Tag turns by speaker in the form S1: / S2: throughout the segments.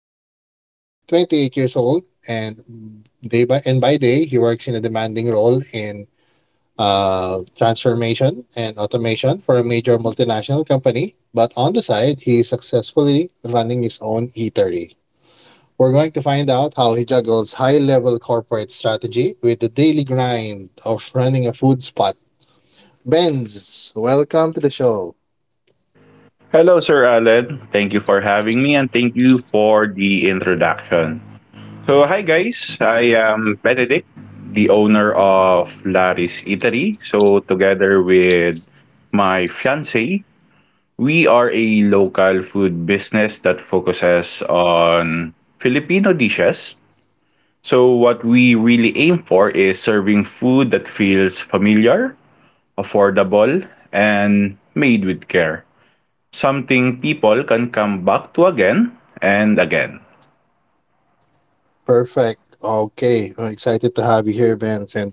S1: 20 year, 28 years old, and day by and by day he works in a demanding role in transformation and automation for a major multinational company. But on the side, he's successfully running his own eatery. We're going to find out how he juggles high level corporate strategy with the daily grind of running a food spot. Benz, welcome to the show.
S2: Hello, Sir Alan. Thank you for having me and thank you for the introduction. So, hi guys. I am Benedict, the owner of Laris Eatery. So, together with my fiance, we are a local food business that focuses on Filipino dishes. So, what we really aim for is serving food that feels familiar, affordable, and made with care something people can come back to again and again.
S1: Perfect. Okay, I'm excited to have you here, Benz, and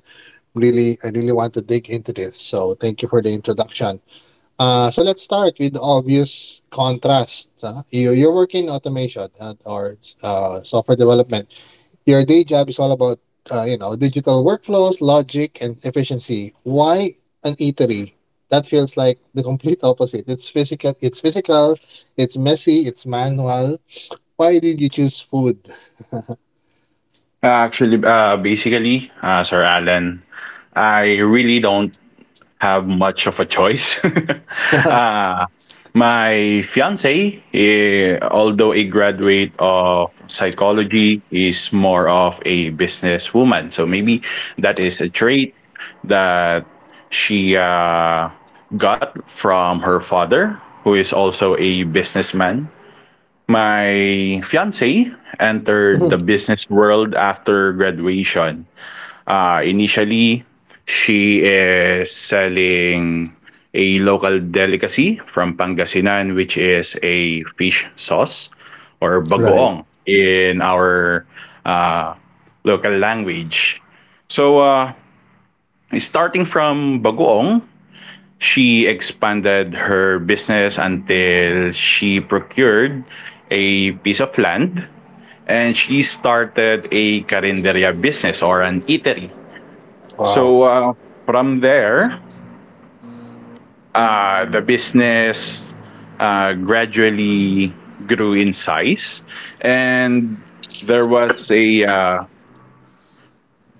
S1: I really want to dig into this. So, thank you for the introduction. So let's start with the obvious contrast. Huh? You're working in automation or software development. Your day job is all about, digital workflows, logic, and efficiency. Why an eatery? That feels like the complete opposite. It's physical. It's physical. It's messy. It's manual. Why did you choose food?
S2: Actually, basically, Sir Alan, I really don't have much of a choice. uh, my fiance, although a graduate of psychology, is more of a businesswoman. So maybe that is a trait that she got from her father, who is also a businessman. My fiance entered the business world after graduation. Initially, she is selling a local delicacy from Pangasinan, which is a fish sauce or
S1: Right.
S2: bagoong in our uh, local language. So, starting from bagoong, she expanded her business until she procured a piece of land and she started a carinderia business or an eatery.
S1: Wow.
S2: So, from there, the business gradually grew in size, and there was a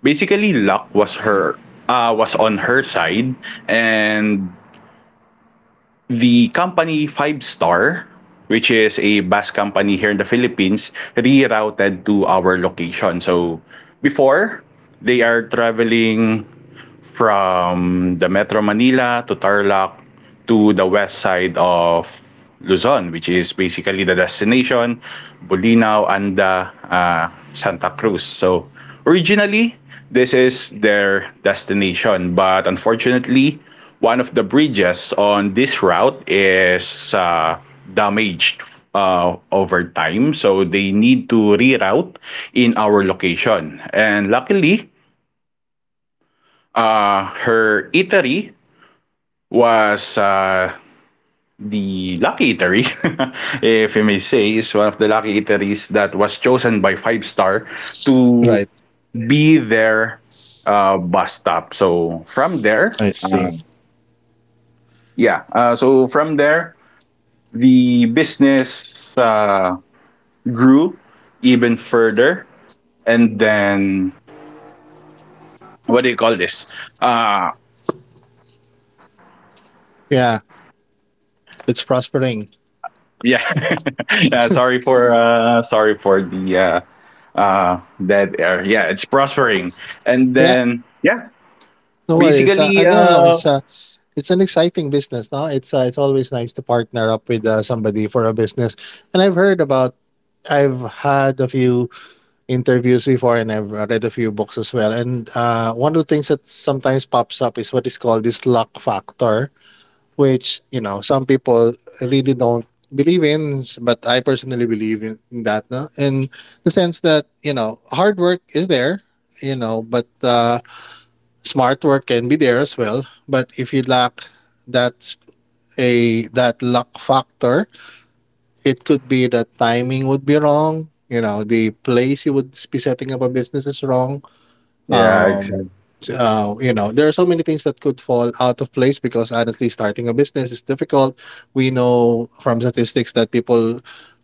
S2: basically luck was her was on her side, and the company Five Star, which is a bus company here in the Philippines, rerouted to our location. So before, they are traveling from the Metro Manila to Tarlac to the west side of Luzon, which is basically the destination Bolinao, Anda, Santa Cruz. So originally, this is their destination, but unfortunately, one of the bridges on this route is damaged over time, so they need to reroute in our location. And luckily, her eatery was the Lucky Eatery, if you may say, is one of the Lucky Eateries that was chosen by Five Star to
S1: Right.
S2: be their bus stop. So from there,
S1: I see.
S2: yeah, so from there, the business grew even further. And then, what do you call this? Uh,
S1: Yeah. It's prospering.
S2: yeah, yeah, sorry for the that yeah, it's prospering. And
S1: Yeah.
S2: then, yeah.
S1: No worries.
S2: basically
S1: No, no. It's an exciting business. No, it's always nice to partner up with somebody for a business. And I've heard about. I've had a few interviews before and I've read a few books as well. And one of the things that sometimes pops up is what is called this luck factor, which, you know, some people really don't believe in, but I personally believe in that. No? In the sense that, you know, hard work is there, you know, but smart work can be there as well. But if you lack that that luck factor, it could be that timing would be wrong. You know, the place you would be setting up a business is wrong.
S2: Yeah,
S1: um
S2: exactly.
S1: you know, there are so many things that could fall out of place because honestly starting a business is difficult. We know from statistics that people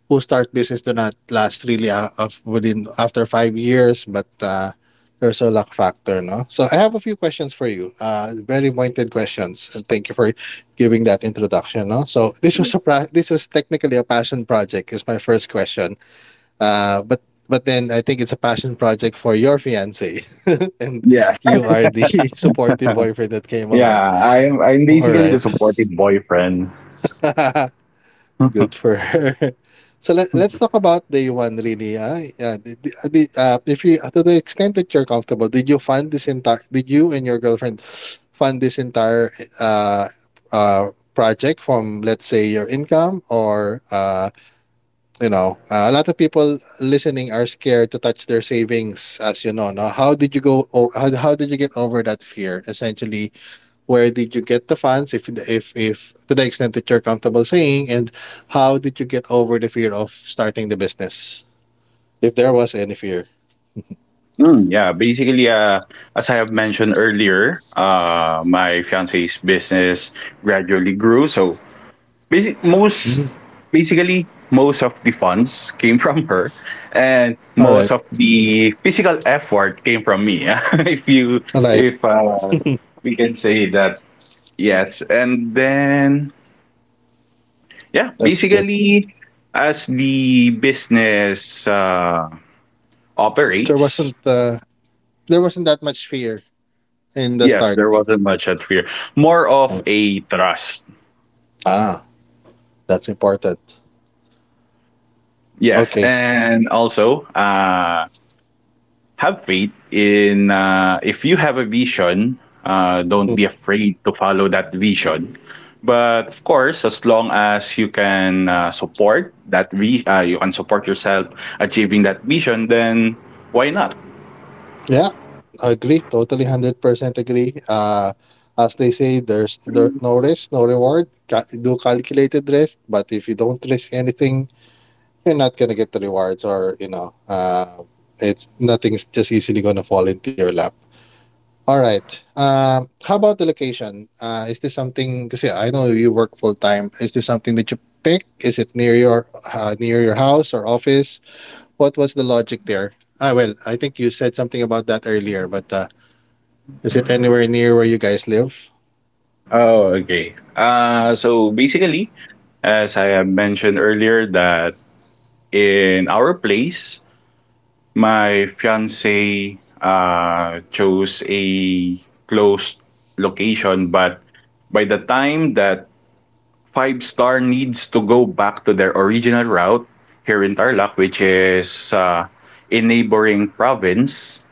S1: who start business do not last really a- of within after 5 years, but there's a luck factor, no? So I have a few questions for you, very pointed questions, and thank you for giving that introduction, no? So this was this was technically a passion project, is my first question. But but then I think it's a passion project for your fiance, and
S2: Yes.
S1: you are the supportive boyfriend that came along.
S2: Yeah I'm
S1: All
S2: basically the
S1: right,
S2: supportive boyfriend.
S1: good for her. So let's talk about day one really. If you to the extent that you're comfortable, did you fund this entire? Did you and your girlfriend fund this entire uh, uh, project from let's say your income? A lot of people listening are scared to touch their savings, as you know. No, how did you go? How did you get over that fear? Essentially, where did you get the funds, if to the extent that you're comfortable saying, and how did you get over the fear of starting the business, if there was any fear?
S2: Yeah, basically, as I have mentioned earlier, my fiance's business gradually grew. So Basic, most
S1: Mm.
S2: basically most of the funds came from her, and
S1: All
S2: most
S1: right,
S2: of the physical effort came from me. if you
S1: all right,
S2: if we can say that, yes. And then, yeah,
S1: that's good.
S2: basically as the business
S1: There
S2: operates,
S1: wasn't uh, there wasn't that much fear in the
S2: yes,
S1: start.
S2: there wasn't much at fear. More of
S1: Oh,
S2: a trust.
S1: ah, that's important.
S2: Yes,
S1: Okay.
S2: and also, have faith in. If you have a vision, don't be afraid to follow that vision, but of course, as long as you can you can support yourself achieving that vision, then why not?
S1: Yeah, I agree. Totally, 100% agree. As they say, there no risk, no reward. Do calculated risk, but if you don't risk anything, you're not gonna get the rewards, or you know, it's nothing's just easily gonna fall into your lap. All right. How about the location? Is this something? Because yeah, I know you work full time. Is this something that you pick? Is it near your house or office? What was the logic there? Ah, well, I think you said something about that earlier, but is it anywhere near where you guys live?
S2: Oh, okay. So basically, as I have mentioned earlier, that in our place, my fiance chose a closed location, but by the time that Five Star needs to go back to their original route here in Tarlac, which is a neighboring province,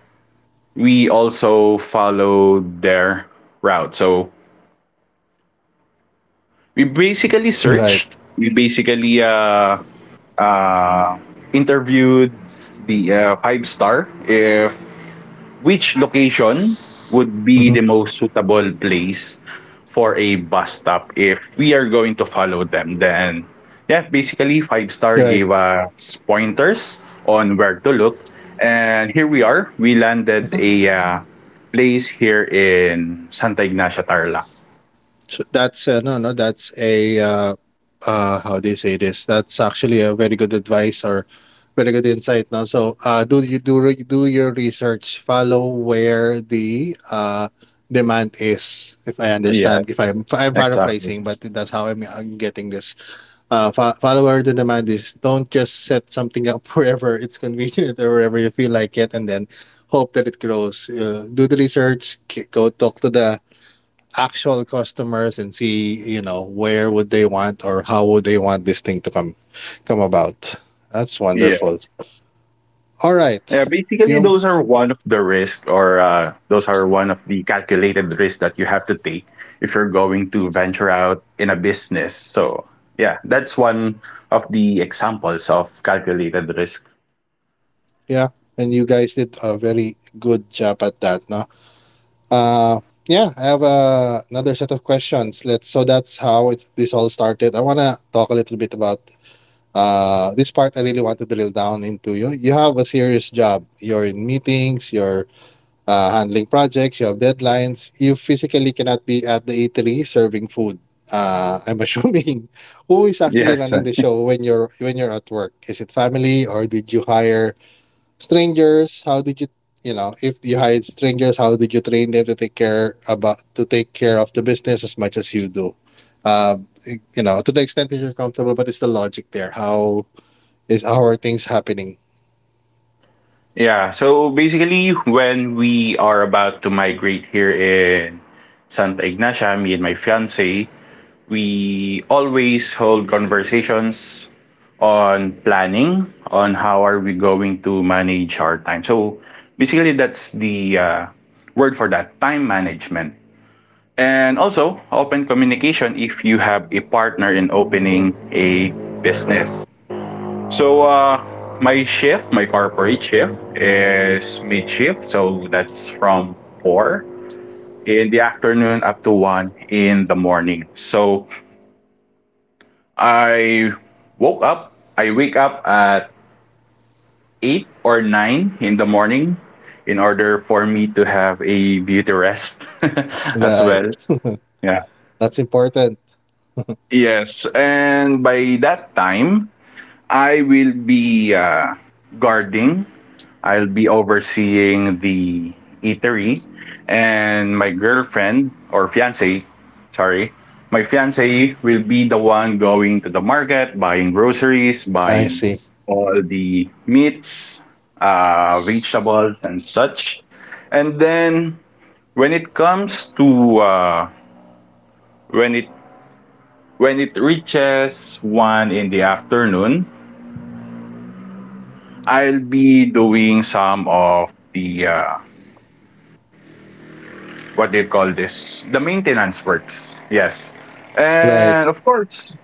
S2: we also followed their route. So we basically
S1: Right.
S2: searched, we basically uh, interviewed the Five Star if which location would be
S1: Mm-hmm.
S2: the most suitable place for a bus stop if we are going to follow them. Then, yeah, basically, Five Star
S1: Right.
S2: gave us pointers on where to look. And here we are. We landed
S1: Mhm.
S2: a place here in Santa Ignacia, Tarlac.
S1: So that's no, no. That's a how do you say this? That's actually a very good advice or very good insight. Now, so do you do your research? Follow where the demand is. If I understand, if
S2: Yes,
S1: I'm, I'm
S2: exactly.
S1: paraphrasing, but that's how I'm getting this. Follower the demand is, don't just set something up wherever it's convenient or wherever you feel like it and then hope that it grows. Do the research, go talk to the actual customers and see, you know, where would they want or how would they want this thing to come about. That's wonderful. All
S2: Yeah,
S1: right.
S2: basically
S1: Fium,
S2: those are one of the risks, or those are one of the calculated risks that you have to take if you're going to venture out in a business. So yeah, that's one of the examples of calculated risks.
S1: yeah, and you guys did a very good job at that, no? Uh, yeah, I have another set of questions. Let's. So that's how this all started. I wanna talk a little bit about this part. I really want to drill down into you. You have a serious job. You're in meetings. You're handling projects. You have deadlines. You physically cannot be at the eatery serving food. I'm assuming, who is actually
S2: Yes, sir.
S1: running the show when you're at work. Is it family or did you hire strangers? How did you, you know, if you hired strangers, how did you train them to take care of the business as much as you do? Um, you know, to the extent that you're comfortable, but it's the logic there, how is, how are things happening?
S2: Yeah. So basically, when we are about to migrate here in Santa Ignacia, me and my fiance, we always hold conversations on planning on how are we going to manage our time, so basically that's the word for that: time management, and also open communication if you have a partner in opening a business. So, my corporate shift is mid shift, so that's from 4 in the afternoon up to 1 in the morning, so I woke up. I wake up at 8 or 9 in the morning in order for me to have a beauty rest as
S1: Right.
S2: well. Yeah.
S1: That's important.
S2: Yes, and by that time I will be guarding I'll be overseeing the eatery, and my girlfriend or fiance, sorry, my fiance will be the one going to the market, buying groceries,
S1: I
S2: buying
S1: see.
S2: all the meats, vegetables, and such. And then, when it comes to uh, when it when it reaches 1 in the afternoon, I'll be doing some of the what do you call this? The maintenance works. Yes. And
S1: Right.
S2: of course,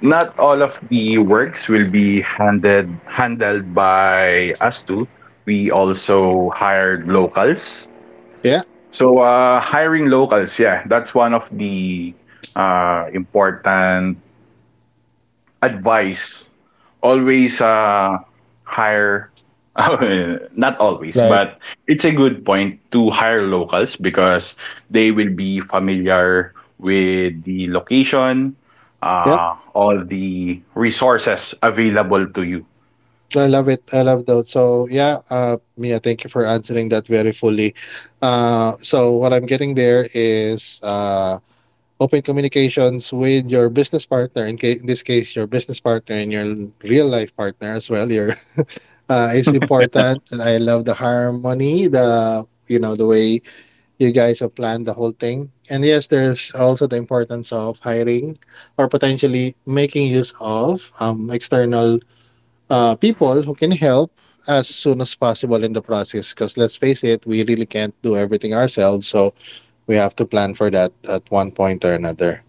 S2: not all of the works will be handed handled by us too. We also hired locals.
S1: Yeah.
S2: So, hiring locals, yeah, that's one of the important advice. Always hire not always,
S1: Right.
S2: but it's a good point to hire locals because they will be familiar with the location,
S1: Yep.
S2: all the resources available to you.
S1: I love it, I love those. So yeah, Mia, thank you for answering that very fully. So what I'm getting there is open communications with your business partner in, in this case your business partner and your real life partner as well, your is important. And I love the harmony, the, you know, the way you guys have planned the whole thing. And yes, there's also the importance of hiring or potentially making use of external people who can help as soon as possible in the process, because let's face it, we really can't do everything ourselves, so we have to plan for that at one point or another.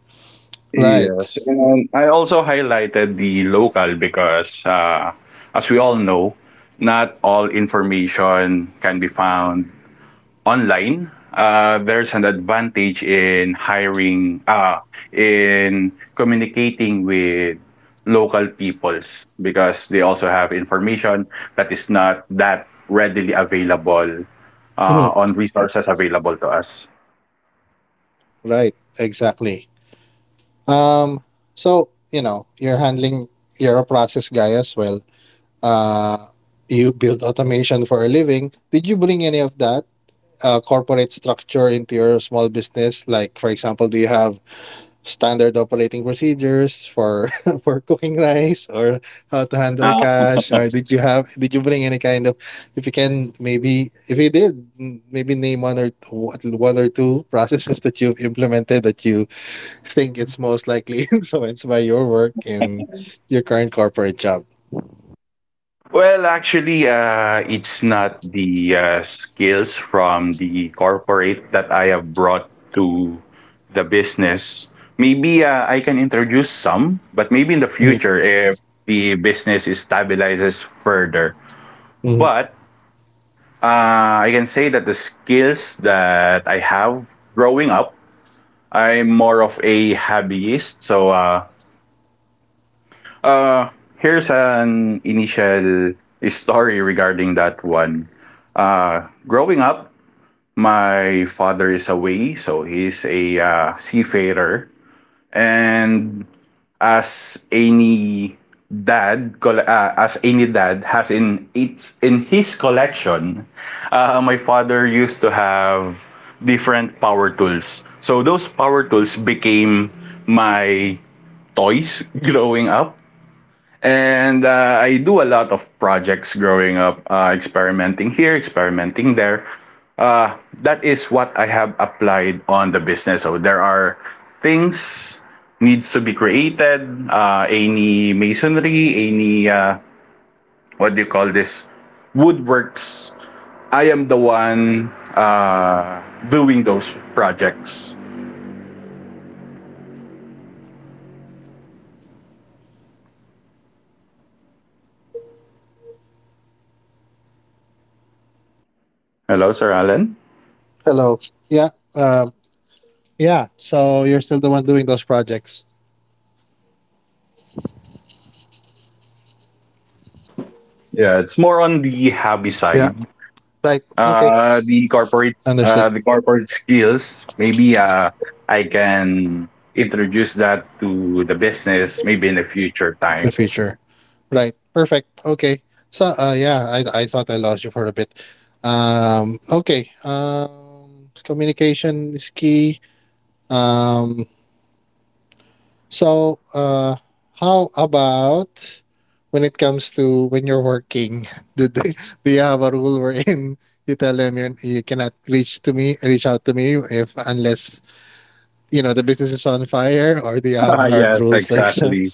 S1: Right.
S2: Yes, and I also highlighted the local because, as we all know, not all information can be found online. There's an advantage in hiring, in communicating with local peoples because they also have information that is not that readily available
S1: Mhm.
S2: on resources available to us.
S1: Right, exactly. Um, so you know, you're a process guy as well. Uh, you build automation for a living. Did you bring any of that corporate structure into your small business? Like, for example, do you have standard operating procedures for for cooking rice or how to handle cash? Or did you bring any kind of, if you can maybe, if you did, maybe name one or two processes that you've implemented that you think it's most likely influenced by your work in your current corporate job.
S2: Well, actually, it's not the skills from the corporate that I have brought to the business. Maybe I can introduce some, but maybe in the future if the business is stabilizes further.
S1: Mhm.
S2: But uh, I can say that the skills that I have growing up, I'm more of a hobbyist. So, uh, here's an initial story regarding that one. Growing up, my father is away, so he's a seafarer. And as any as any dad has in its in his collection, my father used to have different power tools. So those power tools became my toys growing up. And I do a lot of projects growing up, experimenting here, experimenting there. That is what I have applied on the business. So there are things needs to be created. Any masonry, any what do you call this? Woodworks. I am the one doing those projects. Hello, Sir Alan.
S1: Hello. Yeah. Yeah. So you're still the one doing those projects.
S2: Yeah, it's more on the hobby
S1: Yeah.
S2: side.
S1: Right. Okay.
S2: uh the corporate
S1: Understood.
S2: the corporate skills, maybe I can introduce that to the business maybe in the future
S1: The
S2: time.
S1: future. Right. Perfect. Okay. So I thought I lost you for a bit. Okay. Communication is key. Um, So, uh, how about when it comes to when you're working? Do, they, do you have a rule wherein you tell them you cannot reach out to me if unless, you know, the business is on fire, or do you have hard
S2: Yes,
S1: rules like that?
S2: exactly.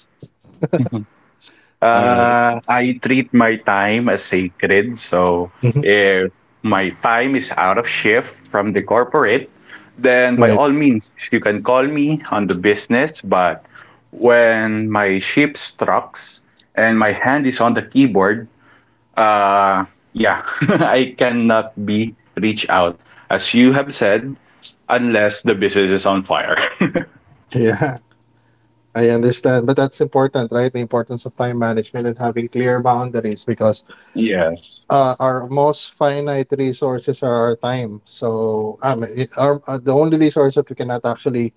S1: All right.
S2: I treat my time as sacred, so
S1: Mhm.
S2: if my time is out of shift from the corporate, then by
S1: Right.
S2: all means you can call me on the business. But when my ship strikes and my hand is on the keyboard, Uh, yeah, I cannot be reached out, as you have said, unless the business is on fire.
S1: Yeah, I understand, but that's important, right? The importance of time management and having clear boundaries because
S2: Yes.
S1: our most finite resources are our time. So the only resource that we cannot actually,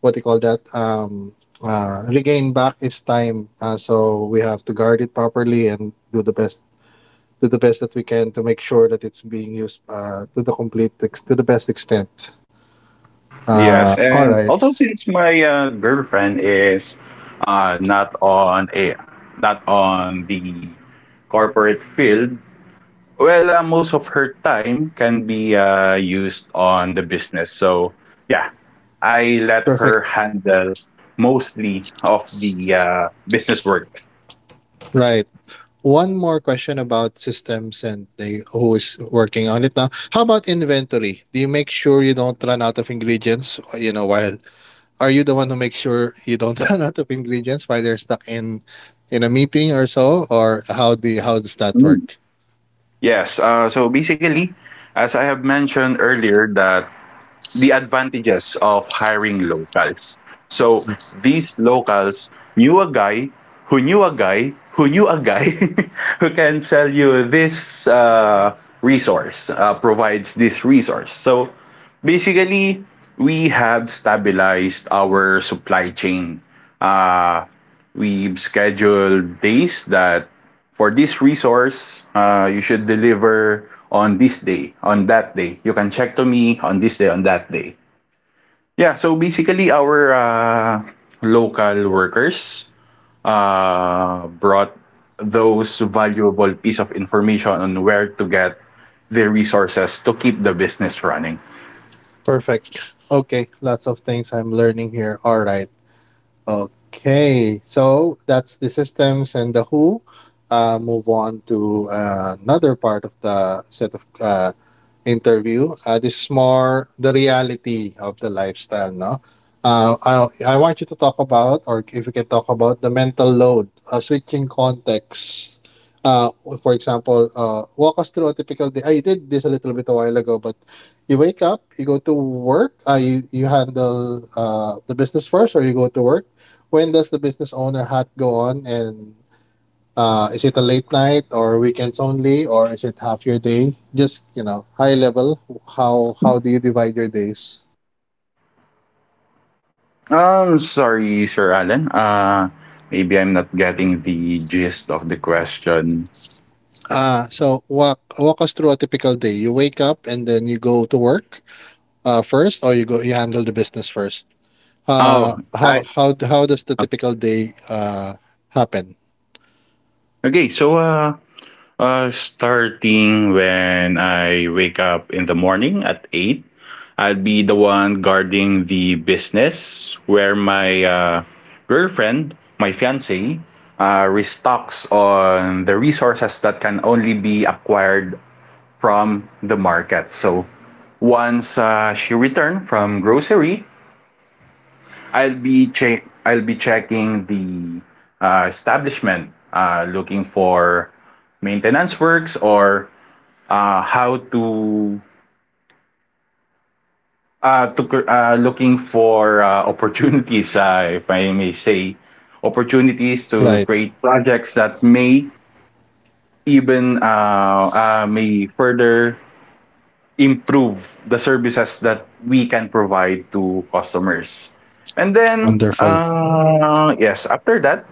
S1: what do you call that, regain back is time. So we have to guard it properly and do the best, do the best that we can to make sure that it's being used to the best extent.
S2: Yes.
S1: All
S2: And also,
S1: right,
S2: since my girlfriend is uh, not on a not on the corporate field, well, most of her time can be used on the business. So, yeah, I let her
S1: perfect.
S2: handle mostly of the business works.
S1: Right. One more question about systems and they who is working on it now. How about inventory? Do you make sure you don't run out of ingredients? You know, while are you the one who makes sure you don't run out of ingredients while they're stuck in a meeting or so, or how do you, how does that
S2: Mm.
S1: work?
S2: Yes. So basically, as I have mentioned earlier, that the advantages of hiring locals. So
S1: Mm.
S2: these locals knew a guy who knew a guy who knew a guy who can sell you this resource, provides this resource. So basically, we have stabilized our supply chain. Uh, we've scheduled days that for this resource, you should deliver on this day, on that day. You can check to me on this day, on that day. Yeah, so basically our local workers brought those valuable piece of information on where to get the resources to keep the business running.
S1: Perfect. Okay, lots of things I'm learning here. All right. Okay, so that's the systems and the who. Move on to another part of the set of interview. This is more the reality of the lifestyle, no? Uh, I, I want you to talk about, or if you can talk about the mental load, switching contexts. Uh, for example, walk us through a typical day. Ah, you did this a little bit a while ago, but you wake up, you go to work, you handle the business first, or you go to work. When does the business owner hat go on and is it a late night or weekends only, or is it half your day? Just, you know, high level, how do you divide your days?
S2: Sorry, Sir Alan. Maybe I'm not getting the gist of the question.
S1: Uh so walk us through a typical day. You wake up and then you go to work first, or you go, you handle the business first. uh
S2: Oh,
S1: how
S2: I
S1: how how does the typical day happen?
S2: okay. So, starting when I wake up in the morning at 8, I'll be the one guarding the business where my girlfriend, my fiancée, restocks on the resources that can only be acquired from the market. So once she returns from grocery, I'll be checking the establishment, looking for maintenance works or how to cr- looking for opportunities, if I may say, opportunities to
S1: Right.
S2: create projects that may further improve the services that we can provide to customers. And then,
S1: Wonderful.
S2: yes, after that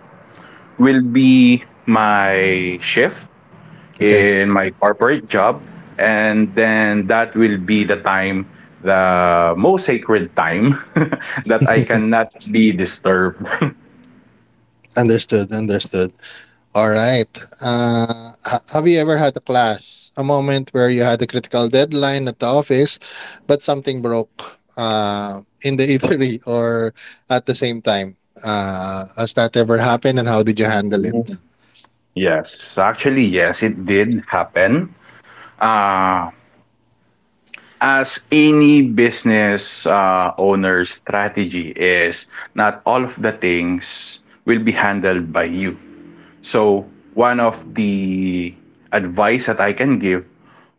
S2: will be my shift
S1: Okay.
S2: in my corporate job. And then that will be the time, the most sacred time that I cannot be disturbed.
S1: Understood, understood. All right. Uh, have you ever had a clash? A moment where you had a critical deadline at the office, but something broke in the eatery or at the same time? Has that ever happened and how did you handle it?
S2: Yes, actually, yes, it did happen. Uh, as any business owner's strategy is, not all of the things will be handled by you. So, one of the advice that I can give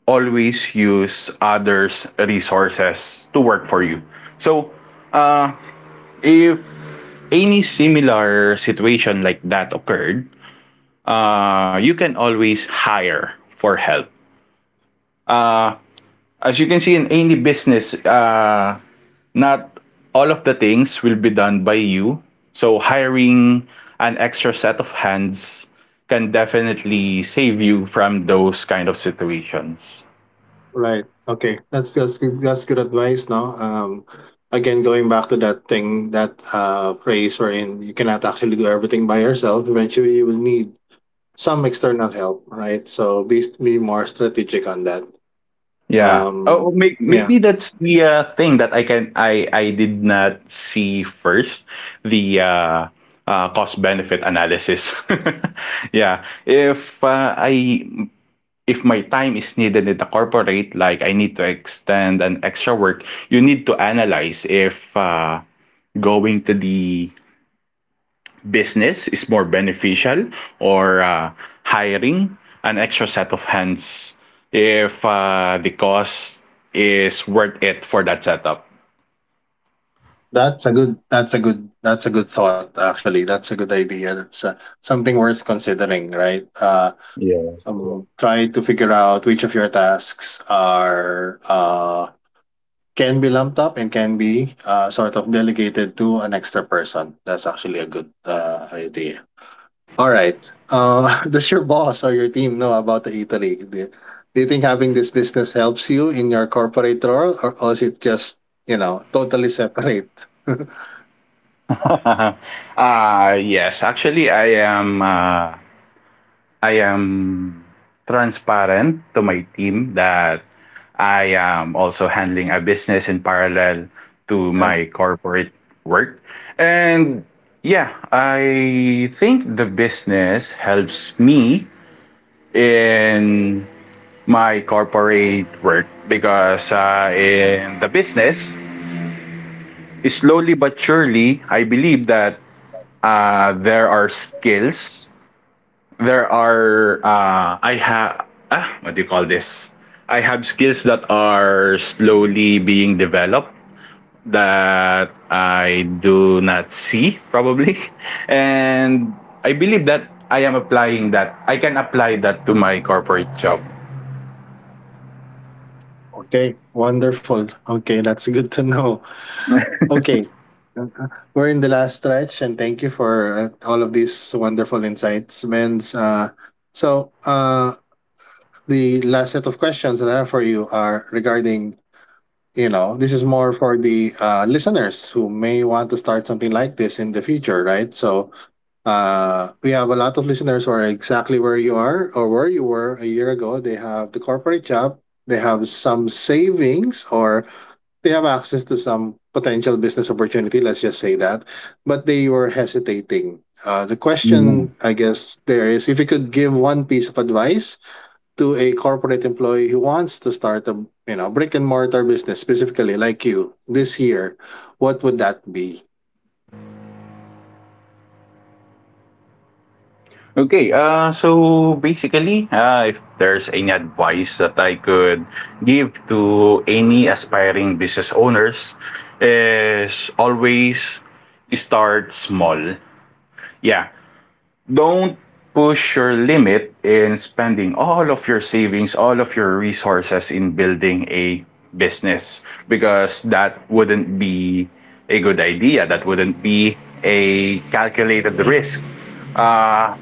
S2: always use others' resources to work for you. So, if any similar situation like that occurred, you can always hire for help. Uh, as you can see in any business, not all of the things will be done by you. So, hiring an extra set of hands can definitely save you from those kind of situations.
S1: Right. Okay. That's good, that's good advice. No. Again, going back to that thing, that phrase wherein you cannot actually do everything by yourself. Eventually, you will need some external help. Right. So be more strategic on that.
S2: Yeah.
S1: Um,
S2: Oh,
S1: yeah,
S2: maybe that's the thing that I can I did not see first the cost benefit analysis. Yeah. If I if my time is needed in the corporate, like I need to extend an extra work, you need to analyze if going to the business is more beneficial or hiring an extra set of hands if the cost is worth it for that setup.
S1: that's a good, that's a good thought. Actually, that's a good idea. That's something worth considering, right?
S2: Yeah.
S1: Try to figure out which of your tasks are can be lumped up and can be sort of delegated to an extra person. That's actually a good idea. All right. Does your boss or your team know about the eatery? Do you think having this business helps you in your corporate role, or is it just, you know, totally separate?
S2: Uh, yes, actually I am transparent to my team that I am also handling a business in parallel to
S1: Right.
S2: my corporate work. And yeah, I think the business helps me in my corporate work because in the business, slowly but surely, I believe that there are skills. There are I have ah, what do you call this? I have skills that are slowly being developed that I do not see probably, and I believe that I am applying that. I can apply that to my corporate job.
S1: Okay, wonderful. Okay, that's good to know. Okay, uh, we're in the last stretch, and thank you for all of these wonderful insights, Vince. So, uh, the last set of questions that I have for you are regarding, you know, this is more for the listeners who may want to start something like this in the future, right? So we have a lot of listeners who are exactly where you are, or where you were a year ago. They have the corporate job, they have some savings, or they have access to some potential business opportunity, let's just say that, but they were hesitating. Uh, the question, I guess, there is, if you could give one piece of advice to a corporate employee who wants to start a, you know, brick and mortar business specifically like you this year, what would that be?
S2: Okay, so basically, if there's any advice that I could give to any aspiring business owners, is always start small. Yeah, don't push your limit in spending all of your savings, all of your resources in building a business because that wouldn't be a good idea. That wouldn't be a calculated risk. Uh,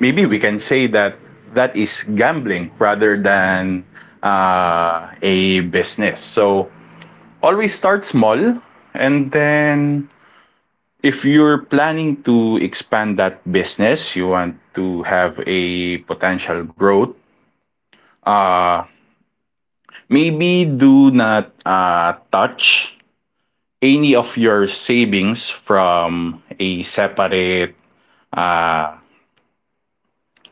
S2: maybe we can say that that is gambling rather than a business. So always start small and then if you're planning to expand that business, you want to have a potential growth, uh, maybe do not touch any of your savings from a separate uh,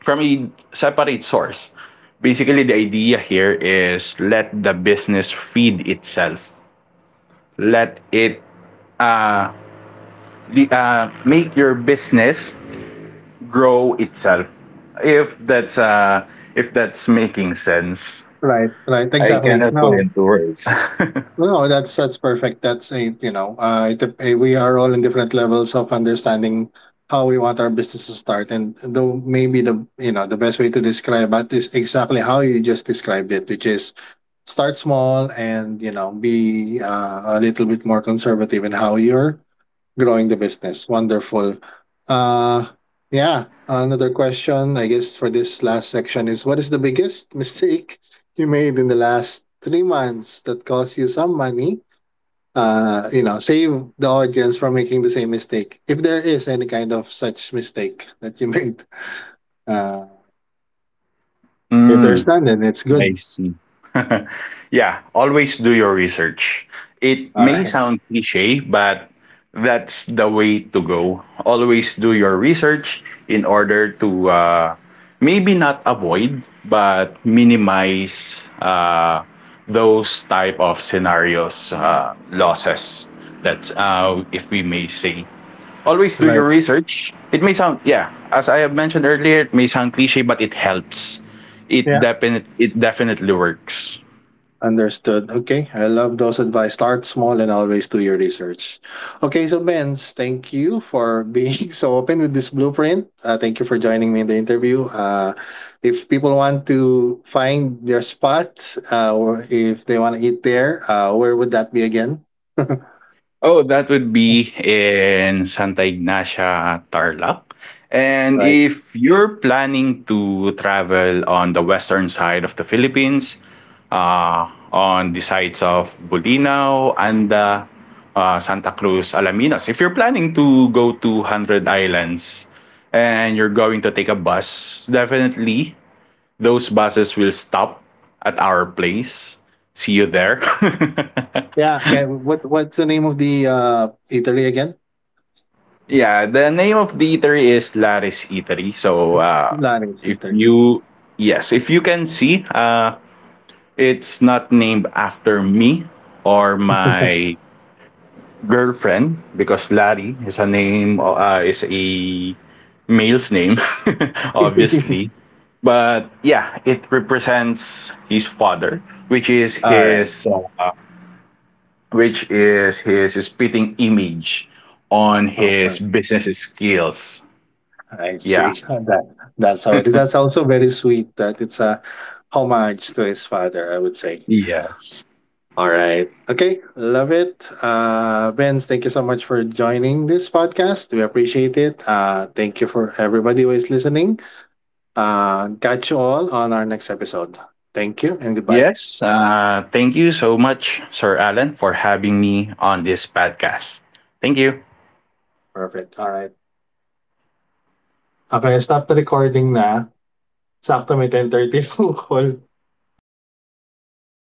S2: from a separate source. Basically, the idea here is let the business feed itself. Let it uh, make your business grow itself. If that's uh, if that's making sense.
S1: Right, right,
S2: I
S1: exactly.
S2: cannot put
S1: No,
S2: into words.
S1: no, that's perfect. That's a, you know, we are all in different levels of understanding how we want our business to start. And though, maybe the, you know, the best way to describe that is exactly how you just described it, which is start small and, you know, be a little bit more conservative in how you're growing the business. Wonderful. Uh yeah, another question, I guess, for this last section is, what is the biggest mistake you made in the last 3 months that cost you some money? You know, save the audience from making the same mistake, if there is any kind of such mistake that you made. Uh if there's
S2: Mm,
S1: none, then it's
S2: I
S1: good.
S2: see. Yeah, always do your research. It
S1: All
S2: may
S1: right.
S2: sound cliche, but that's the way to go. Always do your research in order to maybe not avoid, but minimize those type of scenarios, losses. That's if we may say. Always do your
S1: Right.
S2: research. It may sound, yeah, as I have mentioned earlier, it may sound cliche, but it helps.
S1: Yeah.
S2: It definitely works.
S1: Understood. Okay. I love those advice. Start small and always do your research. Okay. So, Benz, thank you for being so open with this blueprint. Thank you for joining me in the interview. If people want to find their spot or if they want to eat there, where would that be again?
S2: Oh, that would be in Santa Ignacia, Tarlac. And
S1: Right.
S2: if you're planning to travel on the western side of the Philippines, on the sides of Bulinaw, Anda, Santa Cruz, Alaminos, if you're planning to go to Hundred Islands and you're going to take a bus, definitely those buses will stop at our place. See you there.
S1: Yeah. Okay. What's the name of the eatery again?
S2: Yeah, the name of the eatery is Laris Eatery. So
S1: Laris
S2: if
S1: Eatery.
S2: you yes, if you can see, it's not named after me or my girlfriend because Larry is a male's name, obviously. But yeah, it represents his father, which is
S1: All right.
S2: his spitting image on
S1: Oh,
S2: his business skills.
S1: I
S2: Yeah.
S1: see. That that's how it is. That's also very sweet that it's a homage to his father, I would say.
S2: Yes.
S1: All right. Okay. Love it. Benz, thank you so much for joining this podcast. We appreciate it. Thank you for everybody who is listening. Catch you all on our next episode. Thank you and goodbye.
S2: Yes. Thank you so much, Sir Alan, for having me on this podcast. Thank you.
S1: Perfect. All right. Okay, stop the recording na. Sakto may 10:30 yung call. Ah, narinig mo pa ba ako?